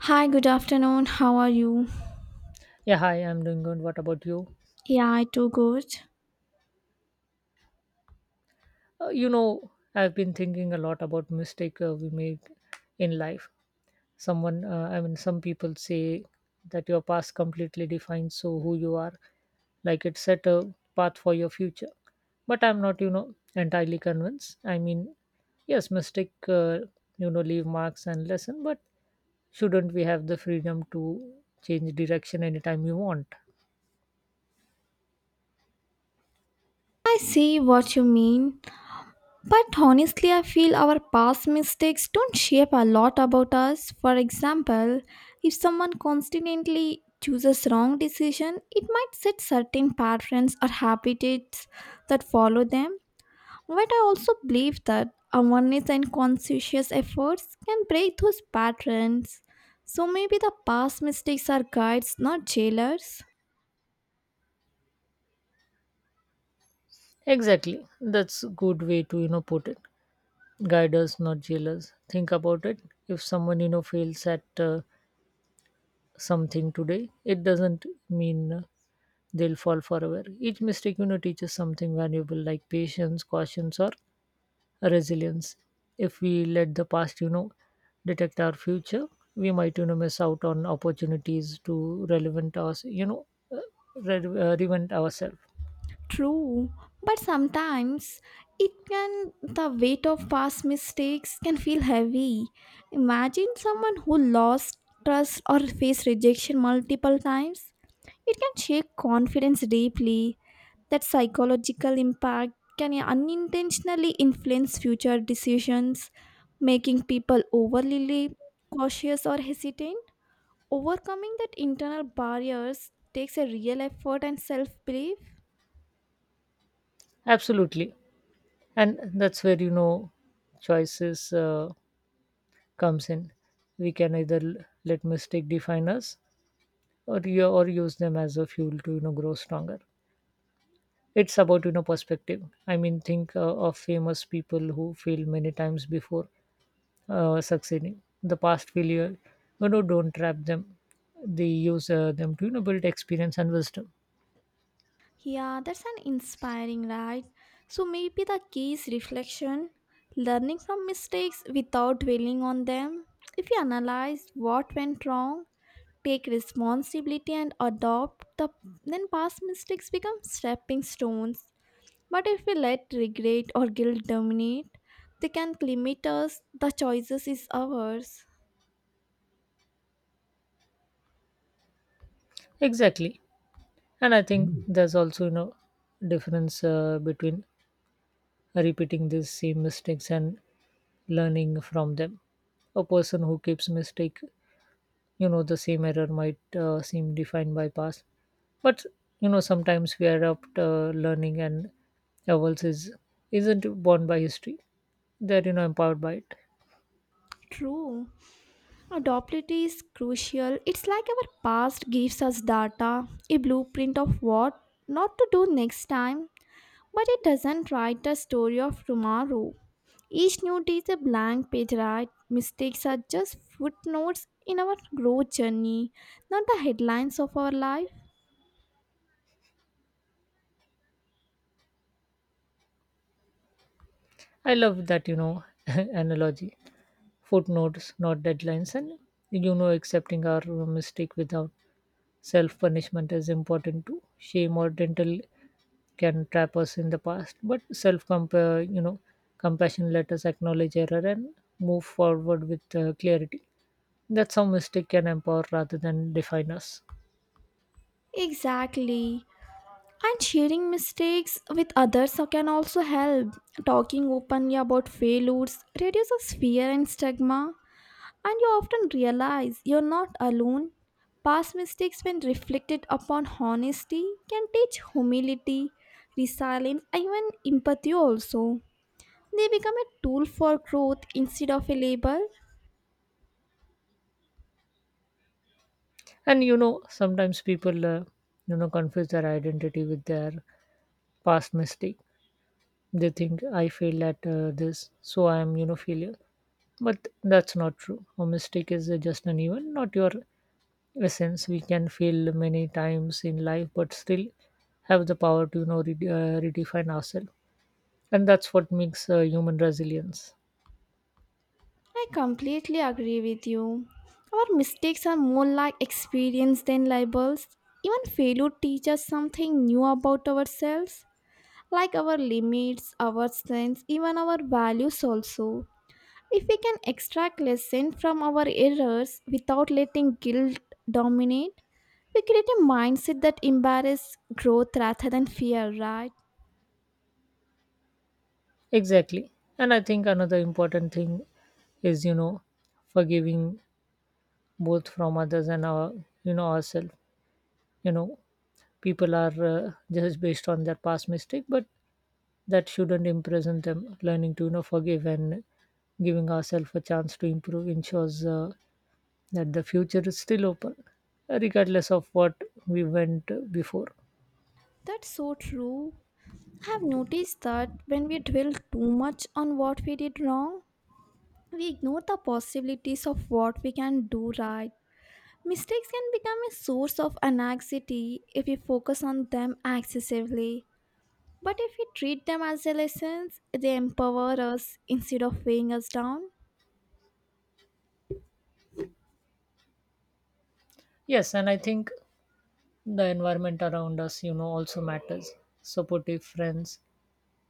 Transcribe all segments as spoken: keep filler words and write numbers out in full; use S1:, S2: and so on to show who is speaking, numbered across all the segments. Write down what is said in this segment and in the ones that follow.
S1: Hi, good afternoon. How are you?
S2: Yeah, hi, I'm doing good. What about you?
S1: Yeah, I too good.
S2: Uh, you know, I've been thinking a lot about mistake uh, we make in life. Someone, uh, I mean, some people say that your past completely defines so who you are, like it set a path for your future. But I'm not, you know, entirely convinced. I mean, yes, mistake, uh, you know, leave marks and lesson, but shouldn't we have the freedom to change direction anytime we want?
S1: I see what you mean, but honestly, I feel our past mistakes don't shape a lot about us. For example, if someone constantly chooses wrong decision, it might set certain patterns or habits that follow them. But I also believe that awareness and conscientious efforts can break those patterns. So maybe the past mistakes are guides, not jailers.
S2: Exactly, that's a good way to you know put it. Guide us, not jailers. Think about it. If someone you know fails at uh, something today, it doesn't mean uh, they'll fall forever. Each mistake you know teaches something valuable, like patience, caution, or resilience. If we let the past you know detect our future, we might you know miss out on opportunities to relevant us you know uh, re- uh, reinvent ourselves.
S1: True, but sometimes it can the weight of past mistakes can feel heavy. Imagine someone who lost trust or faced rejection multiple times. It can shake confidence deeply. That psychological impact can unintentionally influence future decisions, making people overly cautious or hesitant. Overcoming that internal barriers takes a real effort and self-belief.
S2: Absolutely, and that's where you know choices. Uh, comes in. We can either l- let mistake define us or you or use them as a fuel to you know grow stronger. It's about you know perspective. I mean, think uh, of famous people who fail many times before uh, succeeding. The past failure, you know, don't trap them. They use uh, them to you know build experience and wisdom.
S1: Yeah, that's an inspiring right. So maybe the key is reflection, learning from mistakes without dwelling on them. If you analyze what went wrong, take responsibility and adopt the then past mistakes become stepping stones. But if we let regret or guilt dominate, they can limit us. The choices is ours.
S2: Exactly, and I think Mm. there's also you know difference uh, between repeating these same mistakes and learning from them. A person who keeps mistake you know the same error might uh, seem defined by past, but you know sometimes we adopt uh, learning, and else is isn't born by history. They're you know empowered by it.
S1: True. Adaptability is crucial. It's like our past gives us data, a blueprint of what not to do next time, but it doesn't write the story of tomorrow. Each new day is a blank page, right? Mistakes are just footnotes in our growth journey, not the headlines of our life.
S2: I love that you know analogy. Footnotes, not deadlines. And you know accepting our mistake without self punishment is important too. Shame or dental can trap us in the past, but self compare you know compassion let us acknowledge error and move forward with uh, clarity. That's how mistake can empower rather than define us.
S1: Exactly. And sharing mistakes with others can also help. Talking openly about failures reduces fear and stigma. And you often realize you're not alone. Past mistakes, when reflected upon honesty, can teach humility, resilience, and even empathy also. They become a tool for growth instead of a label.
S2: And you know, sometimes people, uh, you know, confuse their identity with their past mistake. They think I failed at uh, this, so I am, you know, failure. But that's not true. A mistake is uh, just an event, not your essence. We can fail many times in life, but still have the power to, you know, re- uh, redefine ourselves. And that's what makes uh, human resilience.
S1: I completely agree with you. Our mistakes are more like experience than labels. Even failure teaches something new about ourselves, like our limits, our strengths, even our values also. If we can extract lesson from our errors without letting guilt dominate, we create a mindset that embarrasses growth rather than fear, right?
S2: Exactly. And I think another important thing is, you know, forgiving, both from others and our, you know, ourselves. You know, people are uh, just based on their past mistake, but that shouldn't imprison them. Learning to, you know, forgive and giving ourselves a chance to improve ensures uh, that the future is still open, regardless of what we went before.
S1: That's so true. I have noticed that when we dwell too much on what we did wrong, we ignore the possibilities of what we can do right. Mistakes can become a source of anxiety if we focus on them excessively. But if we treat them as a lessons, they empower us instead of weighing us down.
S2: Yes, and I think the environment around us, you know, also matters. Supportive friends,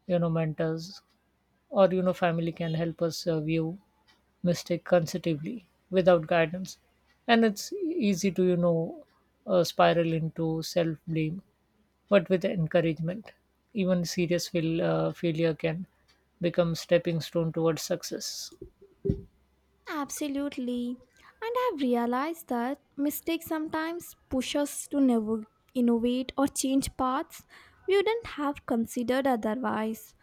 S2: you know, mentors, or you know family can help us uh, view mistake consecutively without guidance, and it's easy to you know uh, spiral into self blame, but with encouragement, even serious fail, uh, failure can become stepping stone towards success.
S1: Absolutely. And I've realized that mistakes sometimes push us to never innovate or change paths we wouldn't have considered otherwise.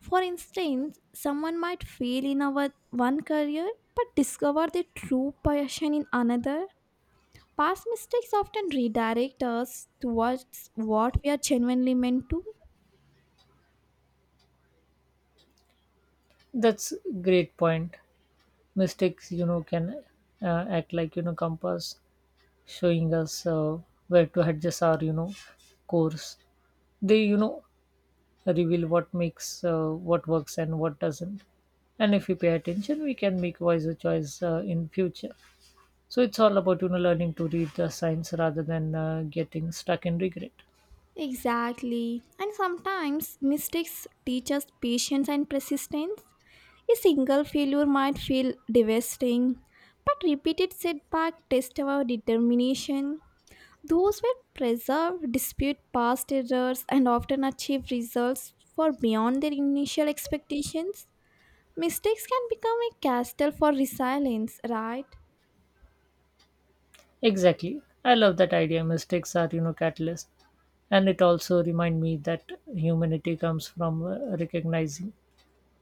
S1: For instance, someone might fail in our one career but discover their true passion in another. Past mistakes often redirect us towards what we are genuinely meant to.
S2: That's great point. Mistakes you know can uh, act like you know compass, showing us uh, where to adjust our you know course. They you know reveal what makes uh, what works and what doesn't. And if we pay attention, we can make wiser choice uh, in future. So it's all about you know learning to read the signs rather than uh, getting stuck in regret.
S1: Exactly. And sometimes mistakes teach us patience and persistence. A single failure might feel devastating, but repeated setbacks test our determination. Those who preserve, dispute past errors, and often achieve results far beyond their initial expectations. Mistakes can become a castle for resilience, right?
S2: Exactly, I love that idea. Mistakes are you know catalyst, and it also remind me that humanity comes from uh, recognizing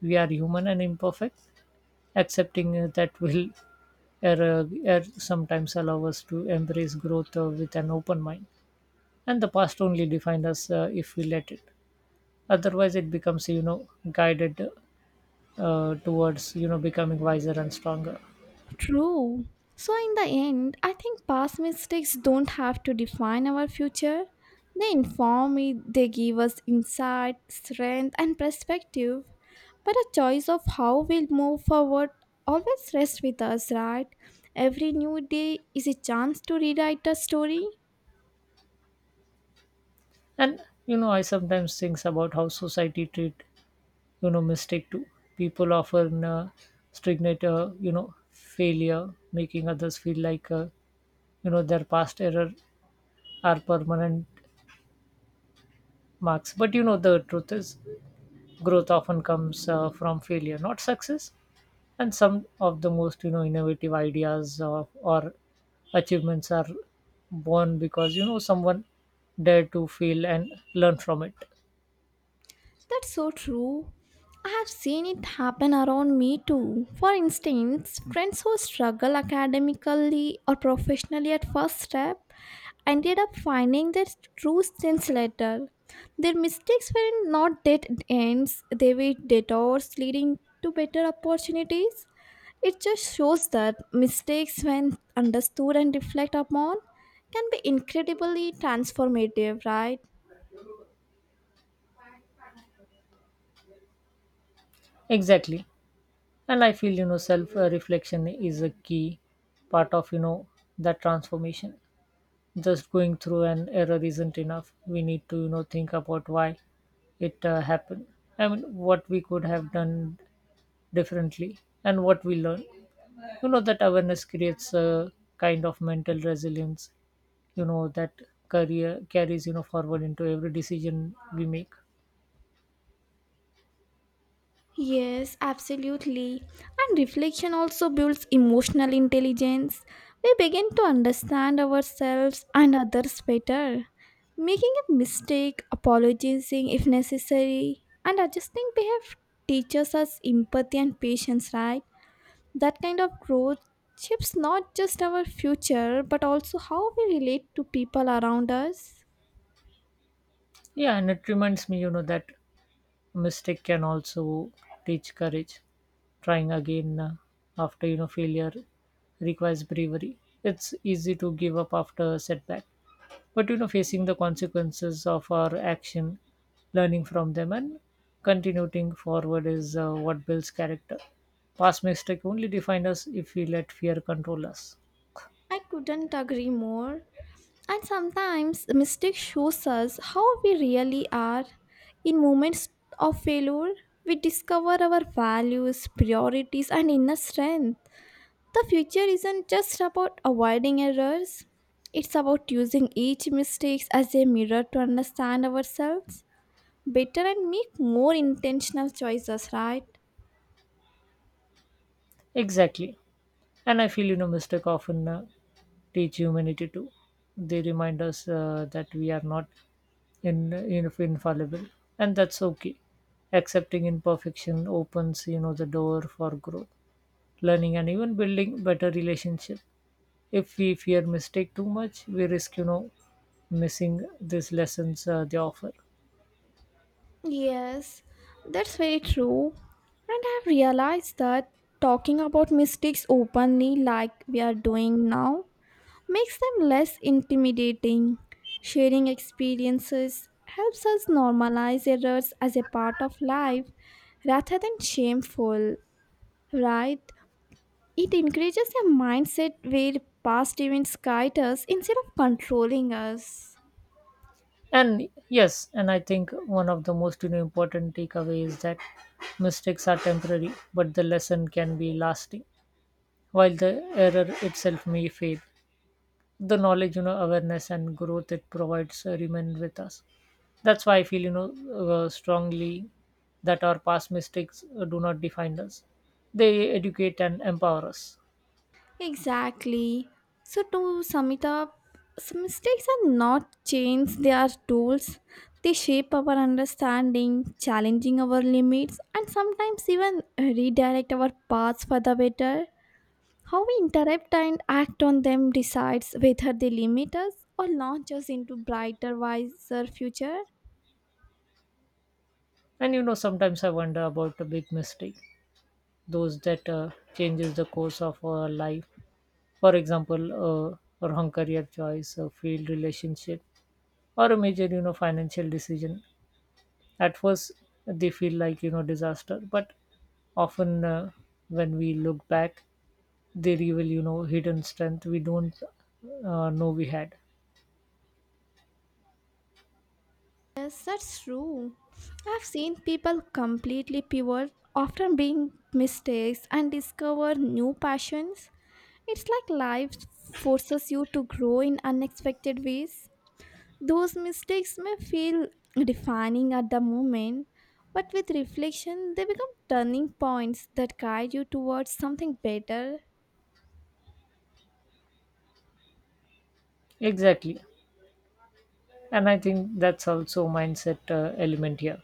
S2: we are human and imperfect. Accepting uh, that will error, error sometimes allow us to embrace growth uh, with an open mind. And the past only defines us uh, if we let it. Otherwise it becomes you know guided uh, towards you know becoming wiser and stronger.
S1: True. So, in the end, I think past mistakes don't have to define our future. They inform me, they give us insight, strength, and perspective. But a choice of how we'll move forward always rests with us, right? Every new day is a chance to rewrite a story.
S2: And you know I sometimes think about how society treat you know mistake too. People often uh, stagnate uh, you know failure, making others feel like uh, you know their past error are permanent marks. But you know the truth is growth often comes uh, from failure, not success, and some of the most you know innovative ideas or, or achievements are born because you know someone dared to feel and learn from it.
S1: That's so true. I have seen it happen around me too. For instance, friends who struggle academically or professionally at first step ended up finding their true sense later. Their mistakes were not dead ends, they were detours leading to better opportunities. It just shows that mistakes, when understood and reflected upon, can be incredibly transformative, right?
S2: Exactly, and I feel you know self uh, reflection is a key part of you know that transformation. Just going through an error isn't enough. We need to you know think about why it uh, happened. I mean, what we could have done differently and what we learn. you know that awareness creates a kind of mental resilience, you know that career carries you know forward into every decision we make.
S1: Yes, absolutely. And reflection also builds emotional intelligence. We begin to understand ourselves and others better. Making a mistake, apologizing if necessary, and adjusting behavior teaches us empathy and patience, right? That kind of growth shapes not just our future but also how we relate to people around us.
S2: Yeah, and it reminds me you know that mistake can also teach courage. Trying again uh, after you know failure requires bravery. It's easy to give up after a setback, but you know facing the consequences of our action, learning from them, and continuing forward is uh, what builds character. Past mistake only define us if we let fear control us.
S1: I couldn't agree more. And sometimes the mistake shows us how we really are. In moments of failure, we discover our values, priorities, and inner strength. The future isn't just about avoiding errors, it's about using each mistake as a mirror to understand ourselves better and make more intentional choices, right?
S2: Exactly. And I feel, you know, mistake often uh, teach humanity too. They remind us uh, that we are not in, in infallible, and that's okay. Accepting imperfection opens, you know, the door for growth, learning, and even building better relationship. If we fear mistake too much, we risk, you know, missing these lessons uh, they offer.
S1: Yes, that's very true. And I've realized that talking about mistakes openly, like we are doing now, makes them less intimidating. Sharing experiences helps us normalize errors as a part of life rather than shameful, right? It encourages a mindset where past events guide us instead of controlling us.
S2: And yes, and I think one of the most you know, important takeaway is that mistakes are temporary, but the lesson can be lasting. While the error itself may fade, the knowledge, you know, awareness, and growth it provides uh, remain with us. That's why I feel, you know, uh, strongly that our past mistakes uh, do not define us. They educate and empower us.
S1: Exactly. So, to sum it up, s- mistakes are not chains, they are tools. They shape our understanding, challenging our limits, and sometimes even redirect our paths for the better. How we interrupt and act on them decides whether they limit us or launch us into brighter, wiser future.
S2: And you know, sometimes I wonder about a big mistake, those that uh, changes the course of our life. For example, uh, a wrong career choice, a failed relationship, or a major, you know, financial decision. At first they feel like you know disaster, but often uh, when we look back, they reveal you know hidden strength we don't uh, know we had.
S1: Yes, that's true. I've seen people completely pivot after being mistakes and discover new passions. It's like life forces you to grow in unexpected ways. Those mistakes may feel defining at the moment, but with reflection, they become turning points that guide you towards something better.
S2: Exactly, and I think that's also mindset uh, element here.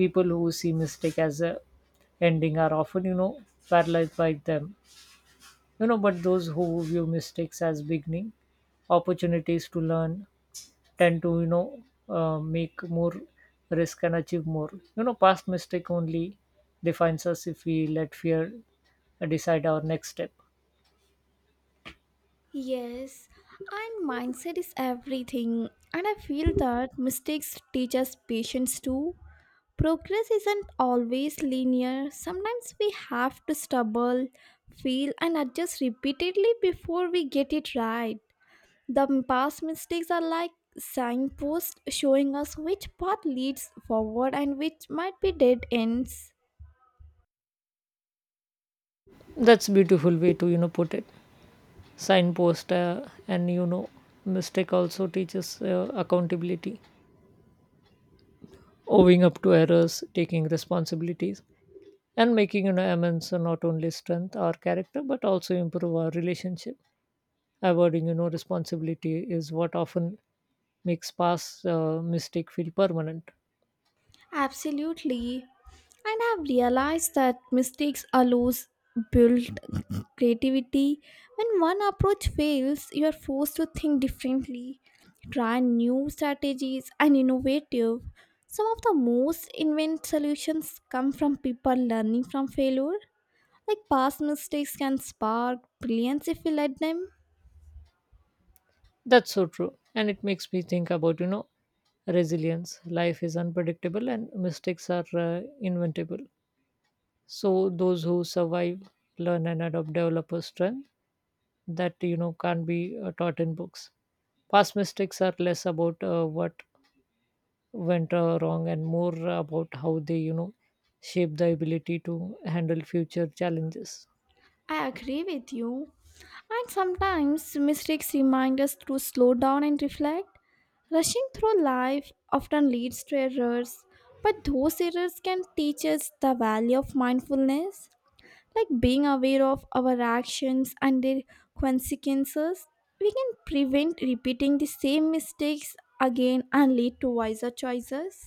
S2: People who see mistake as a ending are often you know paralyzed by them. You know but those who view mistakes as beginning, opportunities to learn and to you know uh, make more risk and achieve more. You know past mistake only defines us if we let fear decide our next step.
S1: Yes, and mindset is everything, and I feel that mistakes teach us patience too. Progress isn't always linear. Sometimes we have to stumble, fail, and adjust repeatedly before we get it right. The past mistakes are like signposts showing us which path leads forward and which might be dead ends.
S2: That's beautiful way to you know put it. Signpost, uh, and you know mistake also teaches uh, accountability. Owing up to errors, taking responsibilities, and making you know amends are not only strength our character but also improve our relationship. Avoiding you know responsibility is what often makes past uh, mistake feel permanent.
S1: Absolutely. And I've realized that mistakes allows build creativity. When one approach fails, you are forced to think differently, try new strategies and innovative. Some of the most inventive solutions come from people learning from failure. Like past mistakes can spark brilliance if we let them.
S2: That's so true, and it makes me think about you know resilience. Life is unpredictable, and mistakes are uh, inventable. So those who survive, learn, and adopt develop a strength that you know can't be uh, taught in books. Past mistakes are less about uh, what went uh, wrong and more about how they you know shape the ability to handle future challenges.
S1: I agree with you. And sometimes mistakes remind us to slow down and reflect. Rushing through life often leads to errors, but those errors can teach us the value of mindfulness. Like being aware of our actions and their consequences, we can prevent repeating the same mistakes again and lead to wiser choices.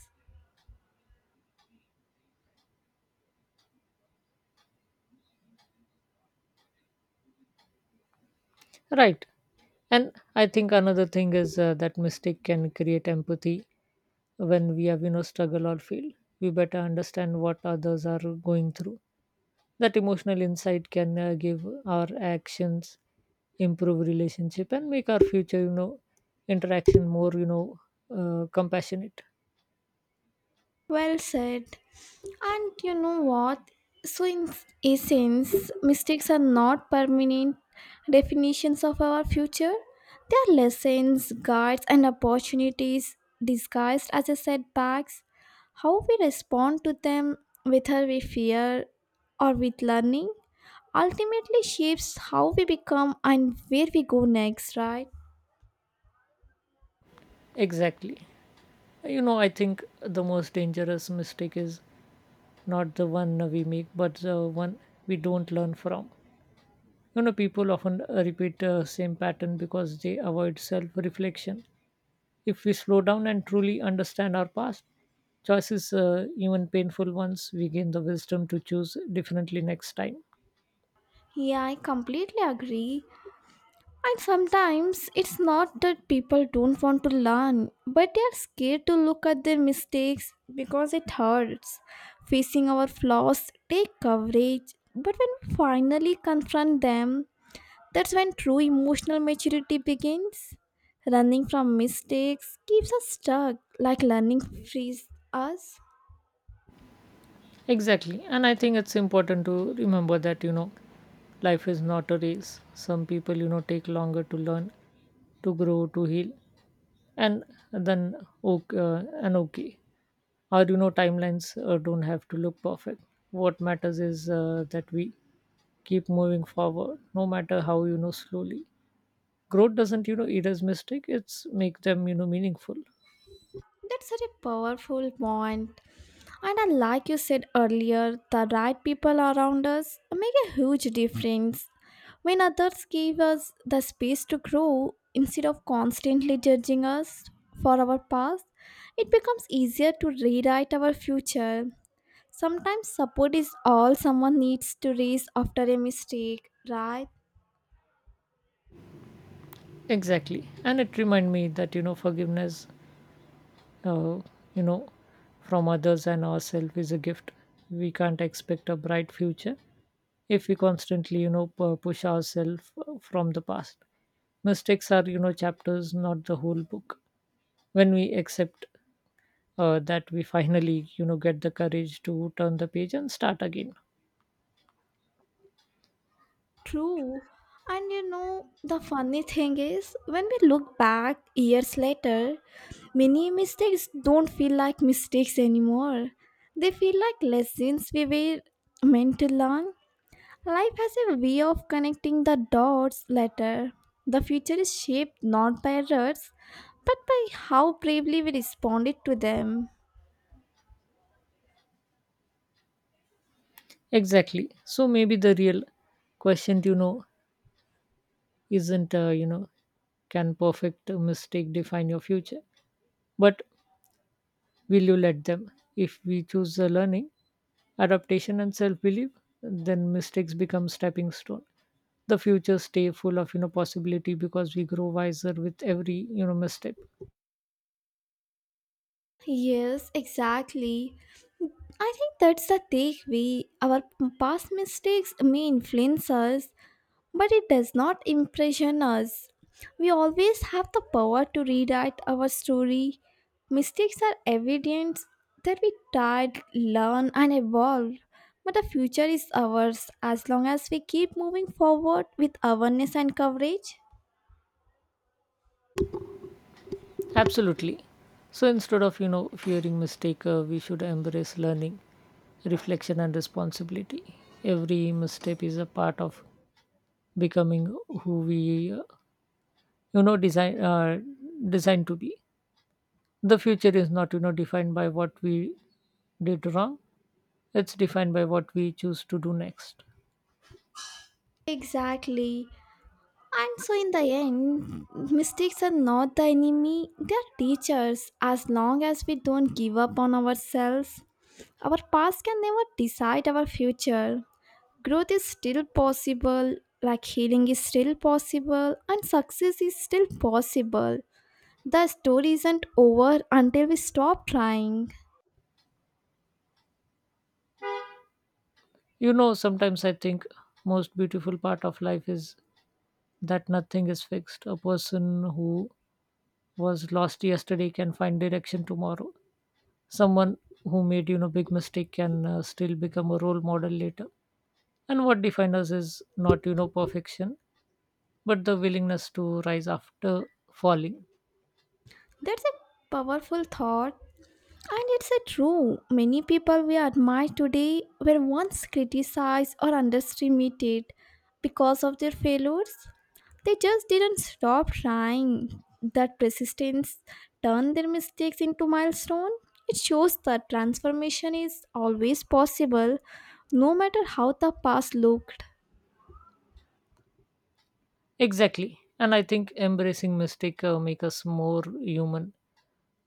S2: Right. And I think another thing is uh, that mistake can create empathy. When we have, you know, struggle or feel. We better understand what others are going through. That emotional insight can uh, give our actions, improve relationship, and make our future, you know, interaction more, you know, uh, compassionate.
S1: Well said. And you know what? So, in essence, mistakes are not permanent definitions of our future. They are lessons, guides, and opportunities disguised as a setbacks. How we respond to them, whether with fear or with learning, ultimately shapes how we become and where we go next, right?
S2: Exactly. You know, I think the most dangerous mistake is not the one we make, but the one we don't learn from. You know, people often uh, repeat the same pattern because they avoid self reflection. If we slow down and truly understand our past choices, uh, even painful ones, we gain the wisdom to choose differently next time.
S1: Yeah, I completely agree. And sometimes it's not that people don't want to learn, but they are scared to look at their mistakes because it hurts. Facing our flaws take courage, but when we finally confront them, that's when true emotional maturity begins. Running from mistakes keeps us stuck, like learning frees us.
S2: Exactly. And I think it's important to remember that, you know, life is not a race. Some people, you know, take longer to learn, to grow, to heal, and then okay, uh, and okay. Our, you know, timelines uh, don't have to look perfect. What matters is uh, that we keep moving forward no matter how you know slowly. Growth doesn't you know erase mistake, it's make them you know meaningful.
S1: That's such a powerful point. And uh, like you said earlier, the right people around us make a huge difference. When others give us the space to grow instead of constantly judging us for our past, it becomes easier to rewrite our future. Sometimes support is all someone needs to raise after a mistake, right?
S2: Exactly, and it remind me that you know forgiveness, uh, you know from others and ourselves, is a gift. We can't expect a bright future if we constantly you know pu- push ourselves uh, from the past. Mistakes are you know chapters, not the whole book. When we accept uh, that, we finally you know get the courage to turn the page and start again.
S1: True. And you know, the funny thing is, when we look back years later, many mistakes don't feel like mistakes anymore. They feel like lessons we were meant to learn. Life has a way of connecting the dots later. The future is shaped not by errors, but by how bravely we responded to them.
S2: Exactly. So maybe the real question, you know, isn't, uh, you know, can perfect mistake define your future? But will you let them? If we choose the learning, adaptation, and self belief, then mistakes become stepping stone. The future stay full of, you know, possibility because we grow wiser with every, you know, misstep.
S1: Yes, exactly. I think that's the takeaway. Our past mistakes may influence us, but it does not impression us. We always have the power to rewrite our story. Mistakes are evidence that we tried, learn, and evolve. But the future is ours as long as we keep moving forward with awareness and coverage.
S2: Absolutely. So instead of, you know, fearing mistake, uh, we should embrace learning, reflection, and responsibility. Every misstep is a part of becoming who we uh, you know design uh, designed to be. The future is not you know defined by what we did wrong. It's defined by what we choose to do next.
S1: Exactly. And so, in the end, mistakes are not the enemy, they are teachers as long as we don't give up on ourselves. Our past can never decide our future. Growth is still possible, like healing is still possible, and success is still possible. The story isn't over until we stop trying.
S2: You know sometimes I think most beautiful part of life is that nothing is fixed. A person who was lost yesterday can find direction tomorrow. Someone who made you know big mistake can uh, still become a role model later, and what defines us is not you know perfection, but the willingness to rise after falling.
S1: That's a powerful thought. And it's a true. Many people we admire today were once criticized or underestimated because of their failures. They just didn't stop trying. That persistence turned their mistakes into milestone. It shows that transformation is always possible, no matter how the past looked.
S2: Exactly. And I think embracing mistake uh, make us more human.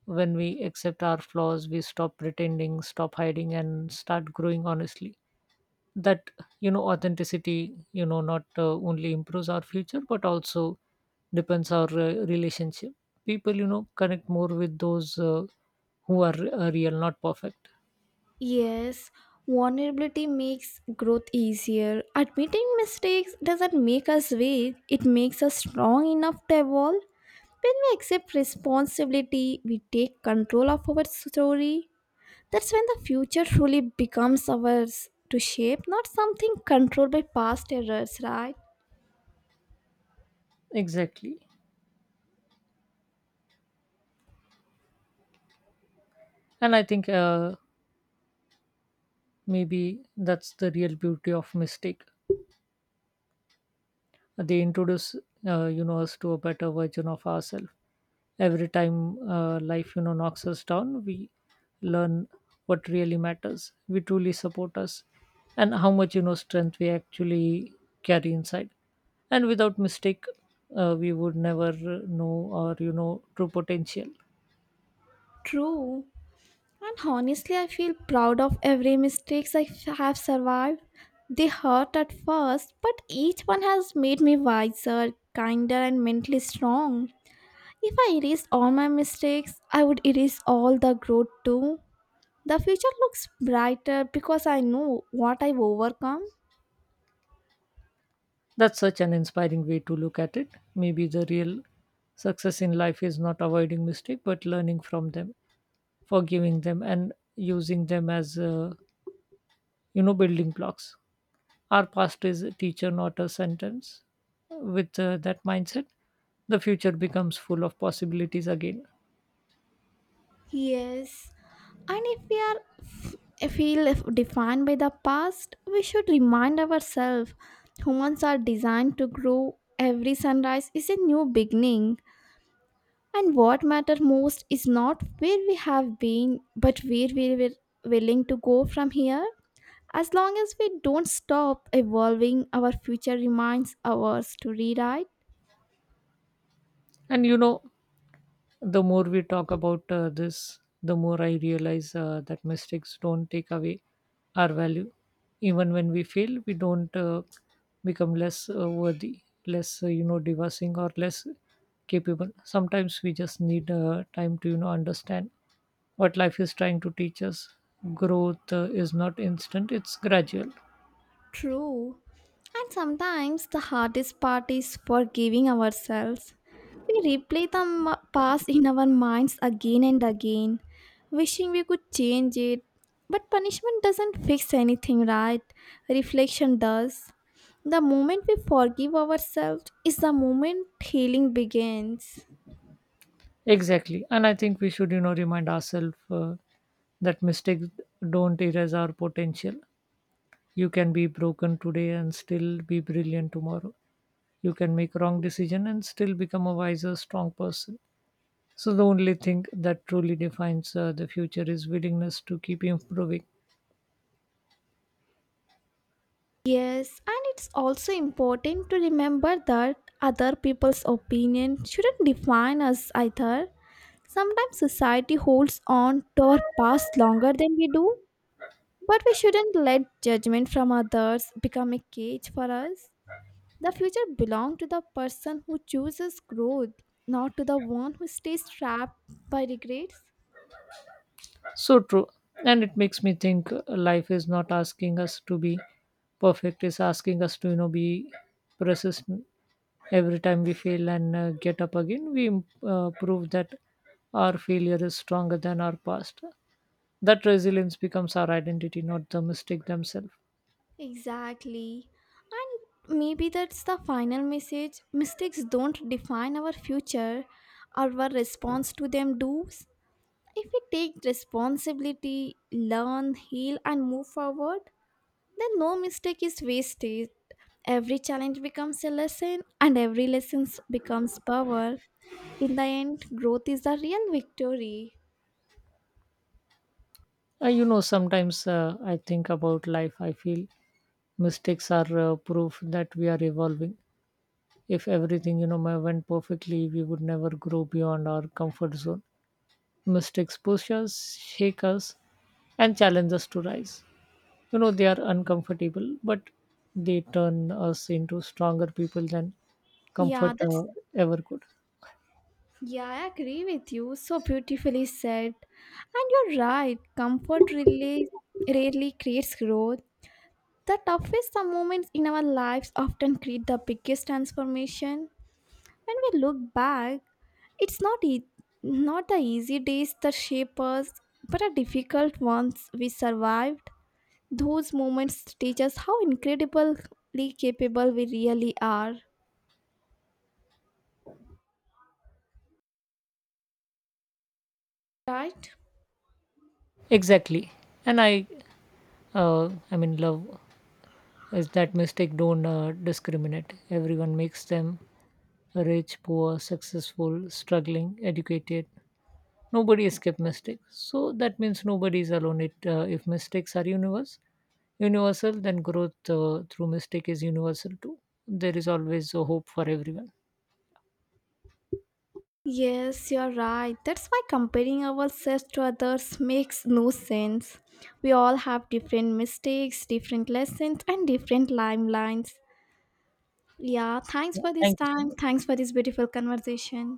S2: When we accept our flaws, we stop pretending, stop hiding, and start growing honestly. That you know, authenticity, you know, not uh, only improves our future but also depends our uh, relationship. People, you know, connect more with those uh, who are uh, real, not perfect.
S1: Yes, vulnerability makes growth easier. Admitting mistakes doesn't make us weak, it makes us strong enough to evolve. When we accept responsibility, we take control of our story. That's when the future truly becomes ours to shape, not something controlled by past errors, right?
S2: Exactly. And I think uh, maybe that's the real beauty of mistake. They introduce uh, you know us to a better version of ourselves. Every time uh, life you know knocks us down, we learn what really matters. We truly support us, and how much you know strength we actually carry inside. And without mistake, uh, we would never know our you know true potential.
S1: True. And honestly, I feel proud of every mistakes I f- have survived. They hurt at first, but each one has made me wiser, kinder, and mentally strong. If I erased all my mistakes, I would erase all the growth too. The future looks brighter because I know what I've overcome.
S2: That's such an inspiring way to look at it. Maybe the real success in life is not avoiding mistake, but learning from them, forgiving them, and using them as uh, you know building blocks. Our past is a teacher, not a sentence. With uh, that mindset, the future becomes full of possibilities again.
S1: Yes, and if we are f- feel f- defined by the past, we should remind ourselves humans are designed to grow. Every sunrise is a new beginning, and what matters most is not where we have been, but where we were willing to go from here. As long as we don't stop evolving, our future remains ours to rewrite.
S2: And you know the more we talk about uh, this, the more I realize uh, that mistakes don't take away our value. Even when we fail, we don't uh, become less uh, worthy, less uh, you know devising, or less capable. Sometimes we just need uh, time to you know understand what life is trying to teach us. Growth uh, is not instant; it's gradual.
S1: True. And sometimes the hardest part is forgiving ourselves. We replay the m- past in our minds again and again, wishing we could change it. But punishment doesn't fix anything, right? Reflection does. The moment we forgive ourselves is the moment healing begins.
S2: Exactly, and I think we should you know remind ourselves uh, that mistakes don't erase our potential. You can be broken today and still be brilliant tomorrow. You can make wrong decision and still become a wiser, strong person. So the only thing that truly defines uh, the future is willingness to keep improving.
S1: Yes, and it's also important to remember that other people's opinion shouldn't define us either. Sometimes society holds on to our past longer than we do, but we shouldn't let judgment from others become a cage for us. The future belongs to the person who chooses growth, not to the one who stays trapped by regrets.
S2: So true. And it makes me think uh, life is not asking us to be perfect, it's asking us to, you know, be persistent. Every time we fail and uh, get up again, we im- uh, prove that our failure is stronger than our past. That resilience becomes our identity, not the mistake themselves.
S1: Exactly. And maybe that's the final message. Mistakes don't define our future, our response to them does. If we take responsibility, learn, heal, and move forward, then no mistake is wasted. Every challenge becomes a lesson, and every lesson becomes power. In the end, growth is the real victory.
S2: Uh, you know sometimes uh, I think about life, I feel mistakes are uh, proof that we are evolving. If everything you know ma- went perfectly, we would never grow beyond our comfort zone. Mistakes push us, shake us, and challenge us to rise. You know, they are uncomfortable, but they turn us into stronger people than
S1: Yeah,
S2: comfort
S1: that's
S2: uh, ever could.
S1: yeah, I agree with you. So beautifully said. And you're right, comfort really rarely creates growth. The toughest moments in our lives often create the biggest transformation. When we look back, It's not e- not the easy days that shape us, but the difficult ones we survived. Those moments teach us how incredibly capable we really are. Right?
S2: Exactly. And i uh, i mean love is that mistake don't uh, discriminate. Everyone makes them: rich, poor, successful, struggling, educated. Nobody escape mistakes. So that means nobody is alone. It uh, if mistakes are universal, universal, then growth uh, through mistake is universal too. There is always a hope for everyone.
S1: Yes, you're right. That's why comparing ourselves to others makes no sense. We all have different mistakes, different lessons, and different timelines. Yeah, thanks
S2: Yeah,
S1: for this
S2: thank you so
S1: time.
S2: much.
S1: Thanks for this beautiful conversation.